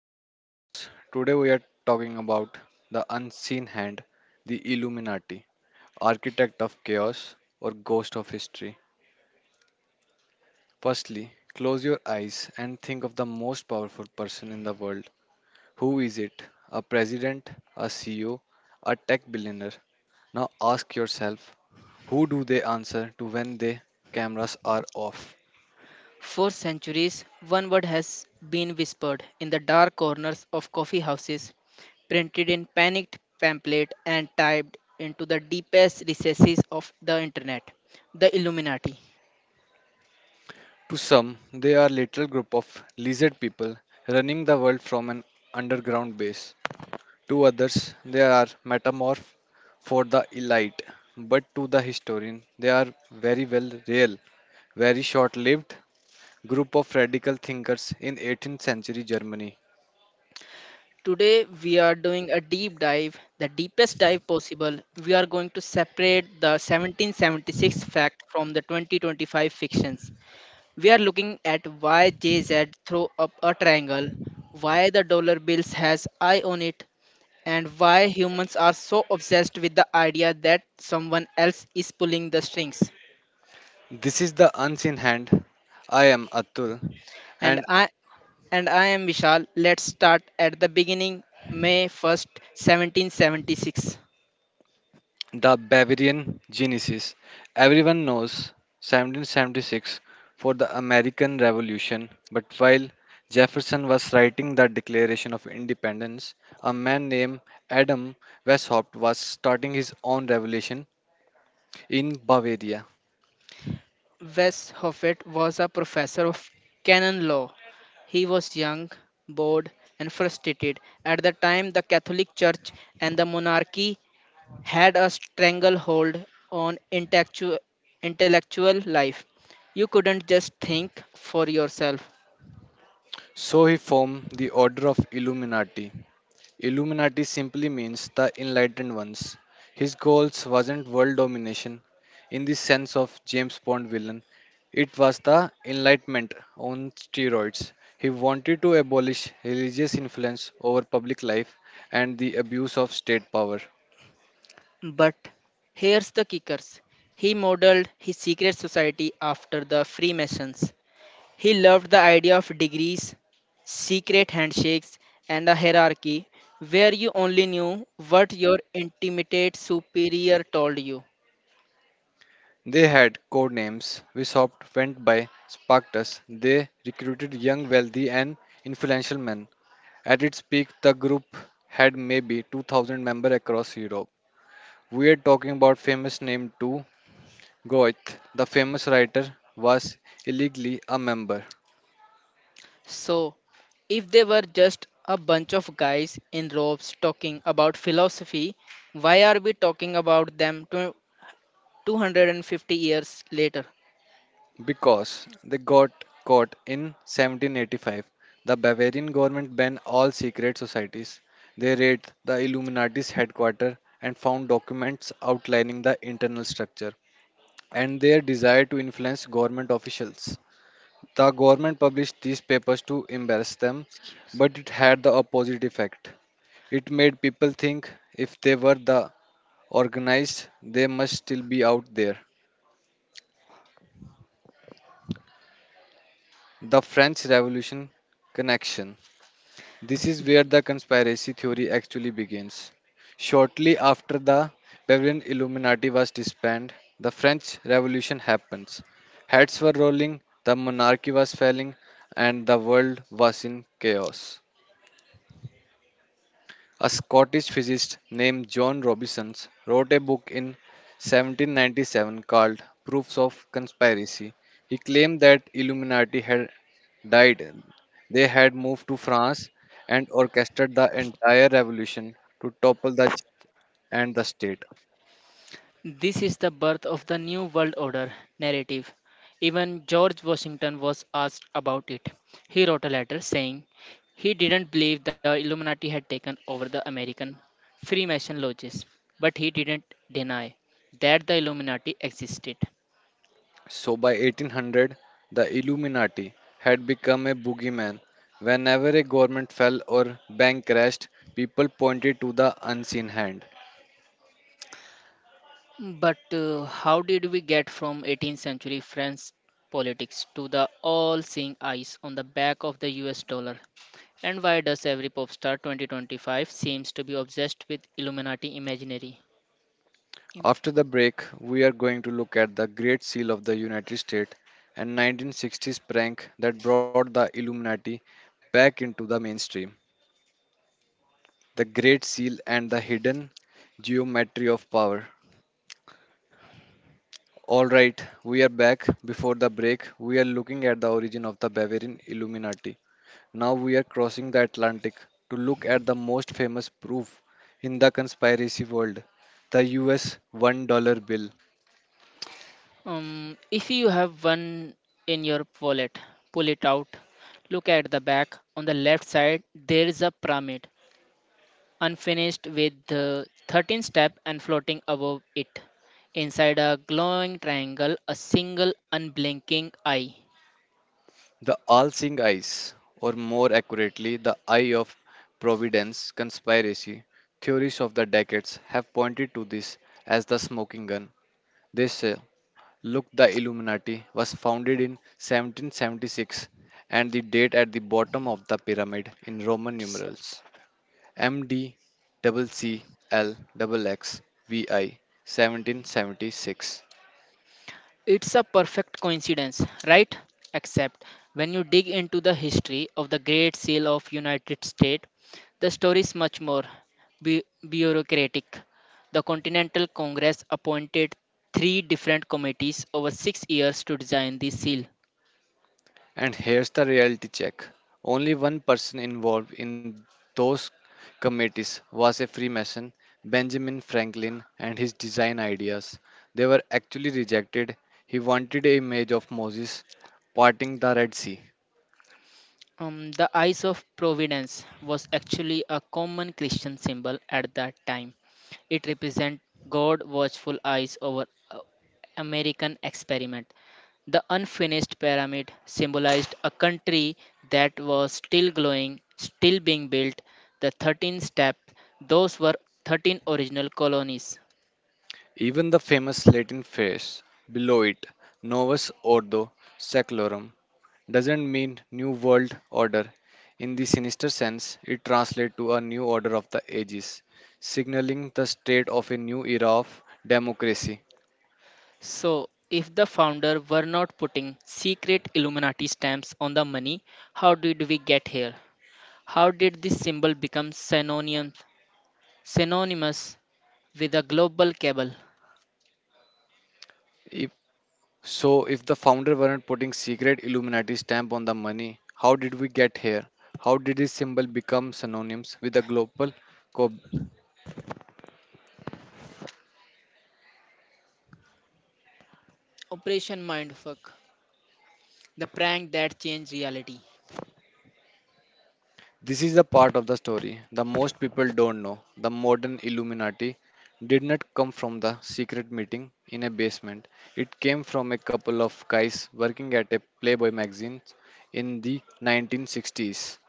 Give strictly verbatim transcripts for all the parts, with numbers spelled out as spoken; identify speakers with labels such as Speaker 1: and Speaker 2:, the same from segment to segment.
Speaker 1: to our podcast. Today, we are talking about the unseen hand, the Illuminati, architect of chaos, or ghost of history. Firstly, close your eyes and think of the most powerful person in the world. Who is it? A president, a C E O, a tech billionaire? Now ask yourself, who do they answer to when the cameras are off?
Speaker 2: For centuries, one word has been whispered in the dark corners of coffee houses, printed in panicked pamphlet and typed into the deepest recesses of the internet the Illuminati.
Speaker 1: To some, they are little group of lizard people running the world from an underground base. To others, they are metamorph for the elite, but to the historian, they are very well real, very short-lived group of radical thinkers in eighteenth century Germany.
Speaker 2: Today, we are doing a deep dive, the deepest dive possible. We are going to separate the seventeen seventy-six fact from the twenty twenty-five fictions. We are looking at why J Z threw up a triangle, why the dollar bills has eye on it, and why humans are so obsessed with the idea that someone else is pulling the strings.
Speaker 1: This is the unseen hand. I am Atul,
Speaker 2: And
Speaker 1: and
Speaker 2: I and I am Vishal. Let's start at the beginning, May first, seventeen seventy-six.
Speaker 1: the Bavarian Genesis. Everyone knows seventeen seventy-six for the American Revolution, but while Jefferson was writing the Declaration of Independence, a man named Adam Weishaupt was starting his own revolution in Bavaria.
Speaker 2: Wes Hoffet was a professor of canon law. He was young, bored, and frustrated. At the time, the Catholic Church and the monarchy had a stranglehold on intellectual, intellectual life. You couldn't just think for yourself.
Speaker 1: So he formed the Order of Illuminati. Illuminati simply means the enlightened ones. His goals wasn't world domination in the sense of James Bond villain. It was the enlightenment on steroids. He wanted to abolish religious influence over public life and the abuse of state power.
Speaker 2: But here's the kickers. He modeled his secret society after the Freemasons. He loved the idea of degrees, secret handshakes, and a hierarchy where you only knew what your intimate superior told you.
Speaker 1: They had code names. Wesopt went by Spartacus. They recruited young, wealthy, and influential men. At its peak, the group had maybe two thousand members across Europe. We are talking about famous name too. Goethe, the famous writer, was illegally a member
Speaker 2: So, if they were just a bunch of guys in robes talking about philosophy, why are we talking about them tw- two hundred fifty years later?
Speaker 1: because they got caught in seventeen eighty-five. The Bavarian government banned all secret societies. They raided the Illuminati's headquarters and found documents outlining the internal structure and their desire to influence government officials. The government published these papers to embarrass them, but it had the opposite effect. It made people think if they were the organized they must still be out there. The French Revolution connection. This is where the conspiracy theory actually begins. Shortly after the Bavarian Illuminati was disbanded, the French Revolution happens. Heads were rolling, the monarchy was falling, and the world was in chaos. A Scottish physicist named John Robison wrote a book in seventeen ninety-seven called Proofs of Conspiracy. He claimed that Illuminati had died. They had moved to France and orchestrated the entire revolution to topple the church and the state.
Speaker 2: This is the birth of the New World Order narrative. Even George Washington was asked about it. He wrote a letter saying he didn't believe the Illuminati had taken over the American Freemason lodges, but he didn't deny that the Illuminati existed.
Speaker 1: So by eighteen hundred, the Illuminati had become a boogeyman. Whenever a government fell or bank crashed, people pointed to the unseen hand.
Speaker 2: But uh, How did we get from eighteenth century French politics to the all seeing eyes on the back of the U S dollar? And why does every pop star twenty twenty-five seems to be obsessed with Illuminati imaginary? Im-
Speaker 1: After the break, we are going to look at the Great Seal of the United States and nineteen sixties prank that brought the Illuminati back into the mainstream. The Great Seal and the hidden geometry of power. All right, we are back. Before the break, we are looking at the origin of the Bavarian Illuminati. Now we are crossing the Atlantic to look at the most famous proof in the conspiracy world, the U S one dollar bill.
Speaker 2: Um, if you have one in your wallet, pull it out. Look at the back. On the left side, there is a pyramid, unfinished with the thirteen step and floating above it. Inside a glowing triangle, a single unblinking eye.
Speaker 1: The all seeing eyes, or more accurately, the eye of providence conspiracy, theories of the decades have pointed to this as the smoking gun. They say, look, the Illuminati was founded in seventeen seventy-six, and the date at the bottom of the pyramid in Roman numerals M D seventeen seventy-six.
Speaker 2: It's a perfect coincidence, right? Except when you dig into the history of the Great Seal of United States, the story is much more bu- bureaucratic. The Continental Congress appointed three different committees over six years to design the seal.
Speaker 1: And here's the reality check, only one person involved in those committees was a Freemason, Benjamin Franklin, and his design ideas. They were actually rejected. He wanted a image of Moses parting the Red Sea.
Speaker 2: Um, the eyes of providence was actually a common Christian symbol at that time. It represents God's watchful eyes over uh, American experiment. The unfinished pyramid symbolized a country that was still glowing, still being built. The thirteen steps, those were thirteen original colonies.
Speaker 1: Even the famous Latin phrase below it, Novus Ordo Seclorum, doesn't mean new world order in the sinister sense. It translates to a new order of the ages, signaling the state of a new era of democracy.
Speaker 2: So, if the founder were not putting secret Illuminati stamps on the money, how did we get here? How did this symbol become synonymous, synonymous with a global cable?
Speaker 1: If so if the founder weren't putting secret illuminati stamp on the money, how did we get here? How did this symbol become synonyms with a global co-
Speaker 2: Operation Mindfuck, the prank that changed reality.
Speaker 1: This is the part of the story the most people don't know. The modern Illuminati did not come from the secret meeting in a basement. It came from a couple of guys working at a Playboy magazine in the nineteen sixties.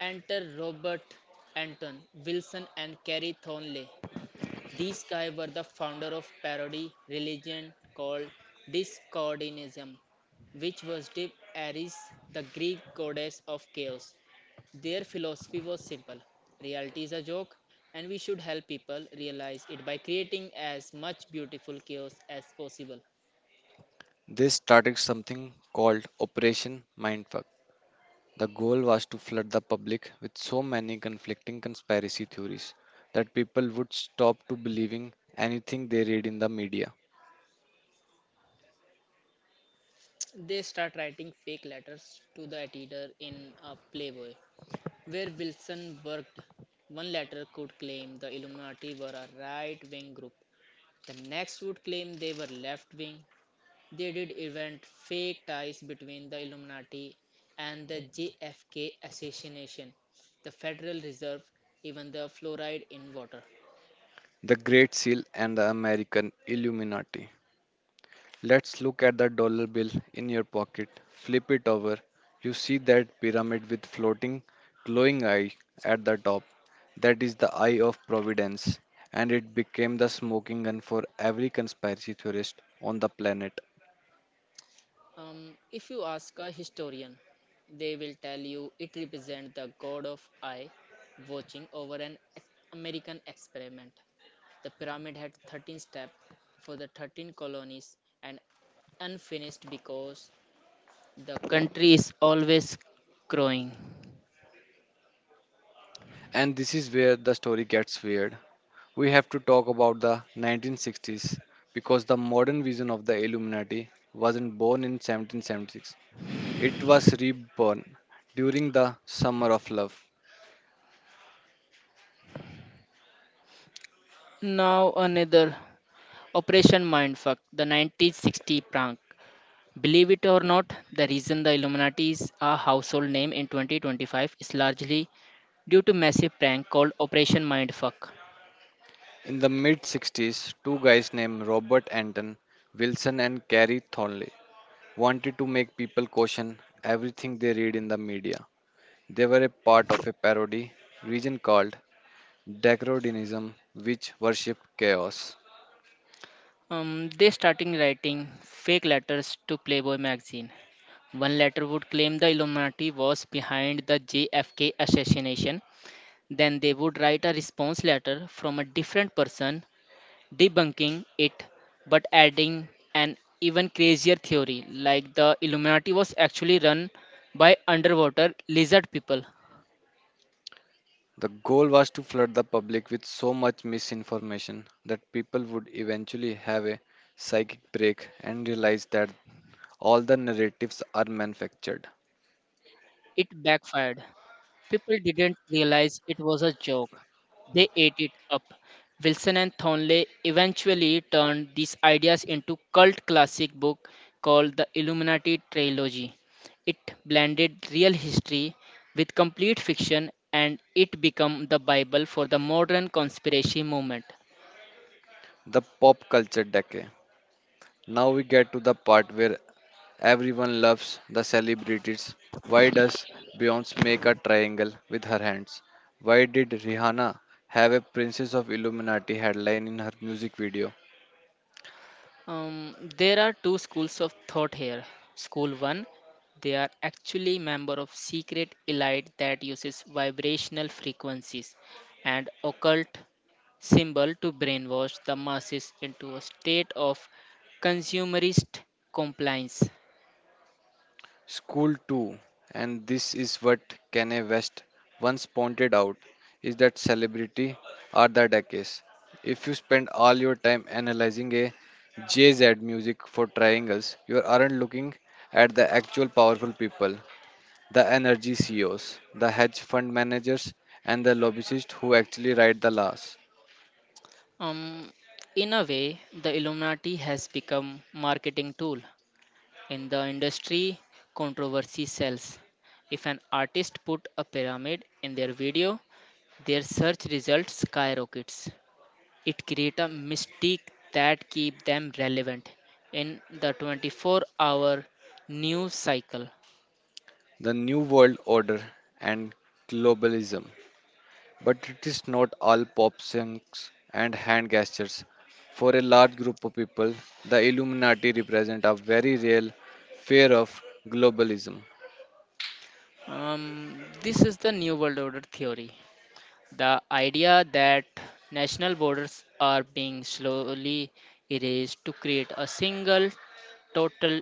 Speaker 2: Enter Robert Anton Wilson and Carrie Thornley. These guys were the founder of parody religion called Discordianism, which worshipped Ares, the Greek goddess of chaos. Their philosophy was simple reality is a joke, and we should help people realize it by creating as much beautiful chaos as possible.
Speaker 1: They started something called Operation Mindfuck. The goal was to flood the public with so many conflicting conspiracy theories that people would stop to believing anything they read in the media.
Speaker 2: They start writing fake letters to the editor in a Playboy, where Wilson worked. One letter could claim the Illuminati were a right wing group, the next would claim they were left wing. They did invent fake ties between the Illuminati and the J F K assassination, the Federal Reserve, even the fluoride in water.
Speaker 1: The Great Seal and the American Illuminati. Let's look at the dollar bill in your pocket. Flip it over. You see that pyramid with floating, glowing eye at the top. That is the eye of providence, and it became the smoking gun for every conspiracy theorist on the planet.
Speaker 2: Um, if you ask a historian, they will tell you it represents the god of I, watching over an ex- American experiment. The pyramid had thirteen steps for the thirteen colonies and unfinished because the country is always growing.
Speaker 1: And this is where the story gets weird. We have to talk about the nineteen sixties because the modern vision of the Illuminati wasn't born in seventeen seventy-six. It was reborn during the Summer of Love.
Speaker 2: Now, another. Operation Mindfuck, the nineteen sixty prank. Believe it or not, the reason the Illuminati is a household name in twenty twenty-five is largely due to massive prank called Operation Mindfuck.
Speaker 1: In the mid sixties, two guys named Robert Anton Wilson and Carrie Thornley wanted to make people question everything they read in the media. They were a part of a parody region called Decrodenism, which worshipped chaos.
Speaker 2: Um, they starting writing fake letters to Playboy magazine. One letter would claim the Illuminati was behind the J F K assassination. Then they would write a response letter from a different person debunking it but adding an even crazier theory like the Illuminati was actually run by underwater lizard people.
Speaker 1: The goal was to flood the public with so much misinformation that people would eventually have a psychic break and realize that all the narratives are manufactured.
Speaker 2: It backfired. People didn't realize it was a joke. They ate it up. Wilson and Thornley eventually turned these ideas into cult classic book called The Illuminati Trilogy. It blended real history with complete fiction and it became the bible for the modern conspiracy movement.
Speaker 1: The pop culture decay. Now we get to the part where everyone loves the celebrities. Why does Beyonce make a triangle with her hands? Why did Rihanna have a Princess of Illuminati headline in her music video?
Speaker 2: Um, there are two schools of thought here. School one, they are actually member of secret elite that uses vibrational frequencies and occult symbol to brainwash the masses into a state of consumerist compliance.
Speaker 1: School too. And this is what Kanye West once pointed out, is that celebrity are the decades. If you spend all your time analyzing a J Z music for triangles, you aren't looking at the actual powerful people, the energy C E Os, the hedge fund managers, and the lobbyists who actually write the laws,
Speaker 2: Um, in a way, the Illuminati has become marketing tool. In the industry, controversy sells. If an artist put a pyramid in their video, their search results skyrockets. It creates a mystique that keeps them relevant in the twenty-four-hour news cycle.
Speaker 1: the new world order, and globalism. But it is not all pop songs and hand gestures. For a large group of people, the Illuminati represent a very real fear of globalism.
Speaker 2: Um, this is the New World Order theory. The idea that national borders are being slowly erased to create a single, total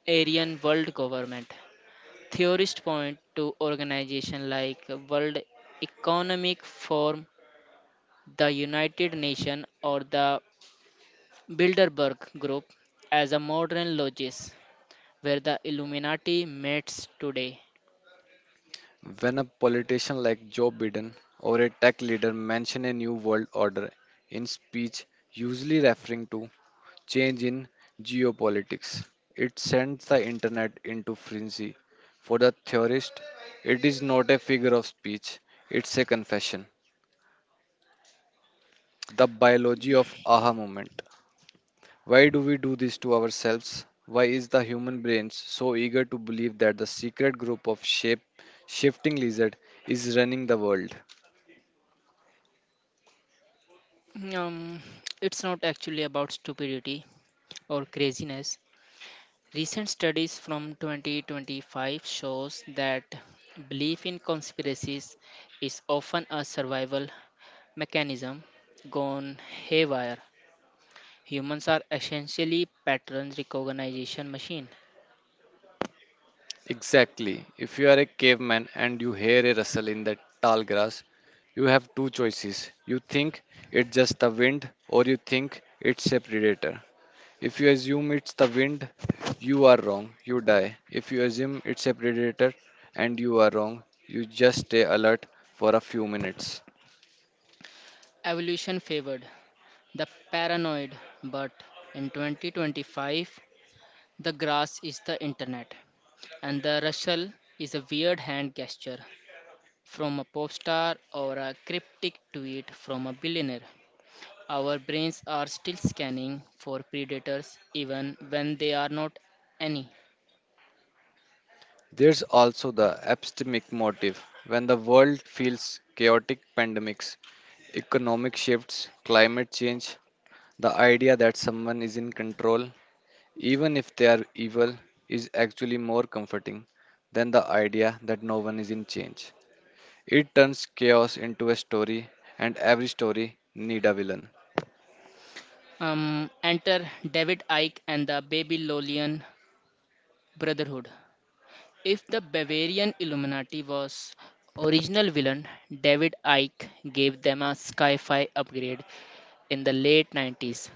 Speaker 2: Aryan world government. Theorists point to organizations like World Economic Forum, the United Nations, or the Bilderberg Group as a modern logis where the Illuminati meets today.
Speaker 1: When a politician like Joe Biden or a tech leader mention a new world order in speech, usually referring to change in geopolitics. It sends the internet into frenzy. For the theorist, it is not a figure of speech, it's a confession. The biology of aha moment. Why do we do this to ourselves? Why is the human brain so eager to believe that the secret group of shape shifting lizard is running the world?
Speaker 2: Um, it's not actually about stupidity or craziness. Recent studies from twenty twenty-five shows that belief in conspiracies is often a survival mechanism gone haywire. Humans are essentially pattern recognition machine.
Speaker 1: Exactly. If you are a caveman and you hear a rustle in the tall grass, you have two choices. You think it's just the wind, or you think it's a predator. If you assume it's the wind, you are wrong. You die. If you assume it's a predator and you are wrong, you just stay alert for a few minutes.
Speaker 2: Evolution favored the paranoid. But in twenty twenty-five, the grass is the internet, and the rustle is a weird hand gesture from a pop star or a cryptic tweet from a billionaire. Our brains are still scanning for predators even when they are not any.
Speaker 1: There's also the epistemic motive. When the world feels chaotic pandemics, economic shifts, climate change, the idea that someone is in control, even if they are evil, is actually more comforting than the idea that no one is in change. It turns chaos into a story, and every story need a villain.
Speaker 2: Um, enter David Icke and the Babylonian Brotherhood. If the Bavarian Illuminati was original villain, David Icke gave them a sci-fi upgrade in the late nineties.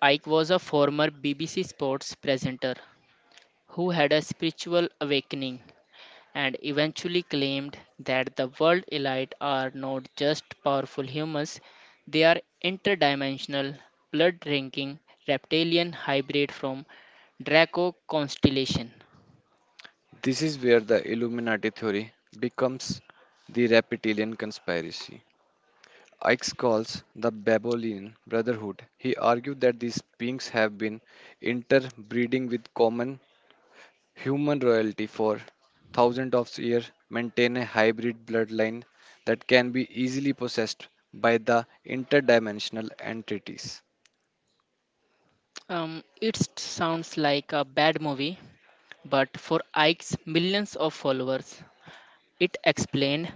Speaker 2: Icke was a former B B C sports presenter who had a spiritual awakening and eventually claimed that the world elite are not just powerful humans, they are interdimensional, blood-drinking reptilian hybrid from Draco constellation.
Speaker 1: This is where the Illuminati theory becomes the reptilian conspiracy. Ike calls the Babylonian Brotherhood. He argued that these beings have been interbreeding with common human royalty for thousands of years, maintained a hybrid bloodline that can be easily possessed by the interdimensional entities.
Speaker 2: Um, it sounds like a bad movie, but for Ike's millions of followers, it explained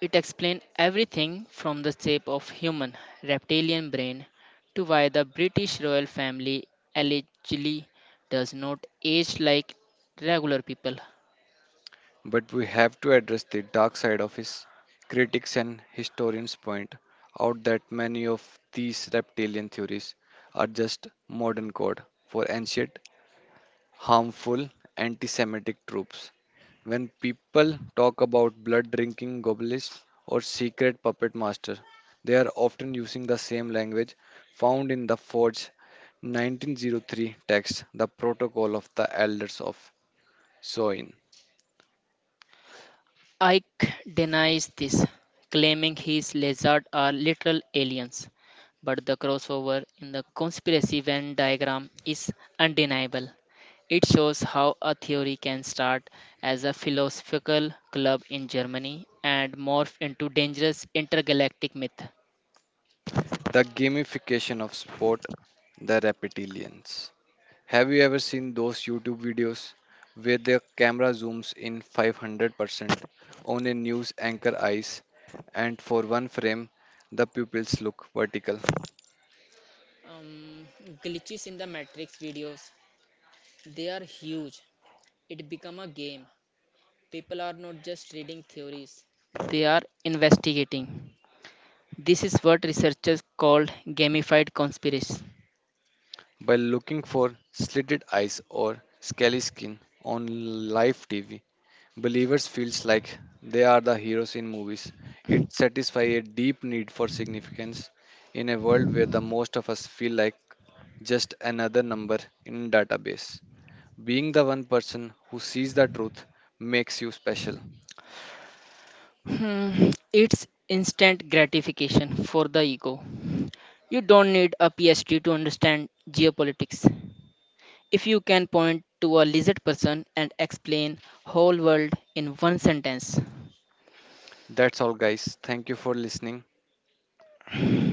Speaker 2: it explained everything from the shape of human reptilian brain to why the British royal family allegedly does not age like regular people.
Speaker 1: But we have to address the dark side of his critics and historians point out that many of these reptilian theories are just modern code for ancient harmful anti Semitic tropes. When people talk about blood drinking Goblist or secret puppet master, they are often using the same language found in the forged nineteen oh three text, The Protocol of the Elders of Zoin,
Speaker 2: Ike denies this, claiming his lizards are literal aliens, but the crossover in the conspiracy Venn diagram is undeniable. It shows how a theory can start as a philosophical club in Germany and morph into dangerous intergalactic myth.
Speaker 1: the gamification of sport, the reptilians. Have you ever seen those YouTube videos where the camera zooms in five hundred percent on a news anchor eyes and for one frame the pupils look vertical?
Speaker 2: Um, glitches in the Matrix videos, they are huge. It become a game. People are not just reading theories, they are investigating. This is what researchers called gamified conspiracy.
Speaker 1: By looking for slitted eyes or scaly skin on live T V, believers feels like they are the heroes in movies. It satisfies a deep need for significance in a world where the most of us feel like just another number in database. Being the one person who sees the truth makes you special.
Speaker 2: Hmm, it's instant gratification for the ego. You don't need a PhD to understand geopolitics. If you can point to a lizard person and explain whole world in one sentence,
Speaker 1: That's all, guys. Thank you for listening.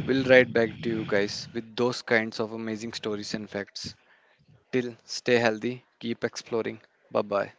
Speaker 1: We'll write back to you guys with those kinds of amazing stories and facts. Till stay healthy, keep exploring. Bye bye.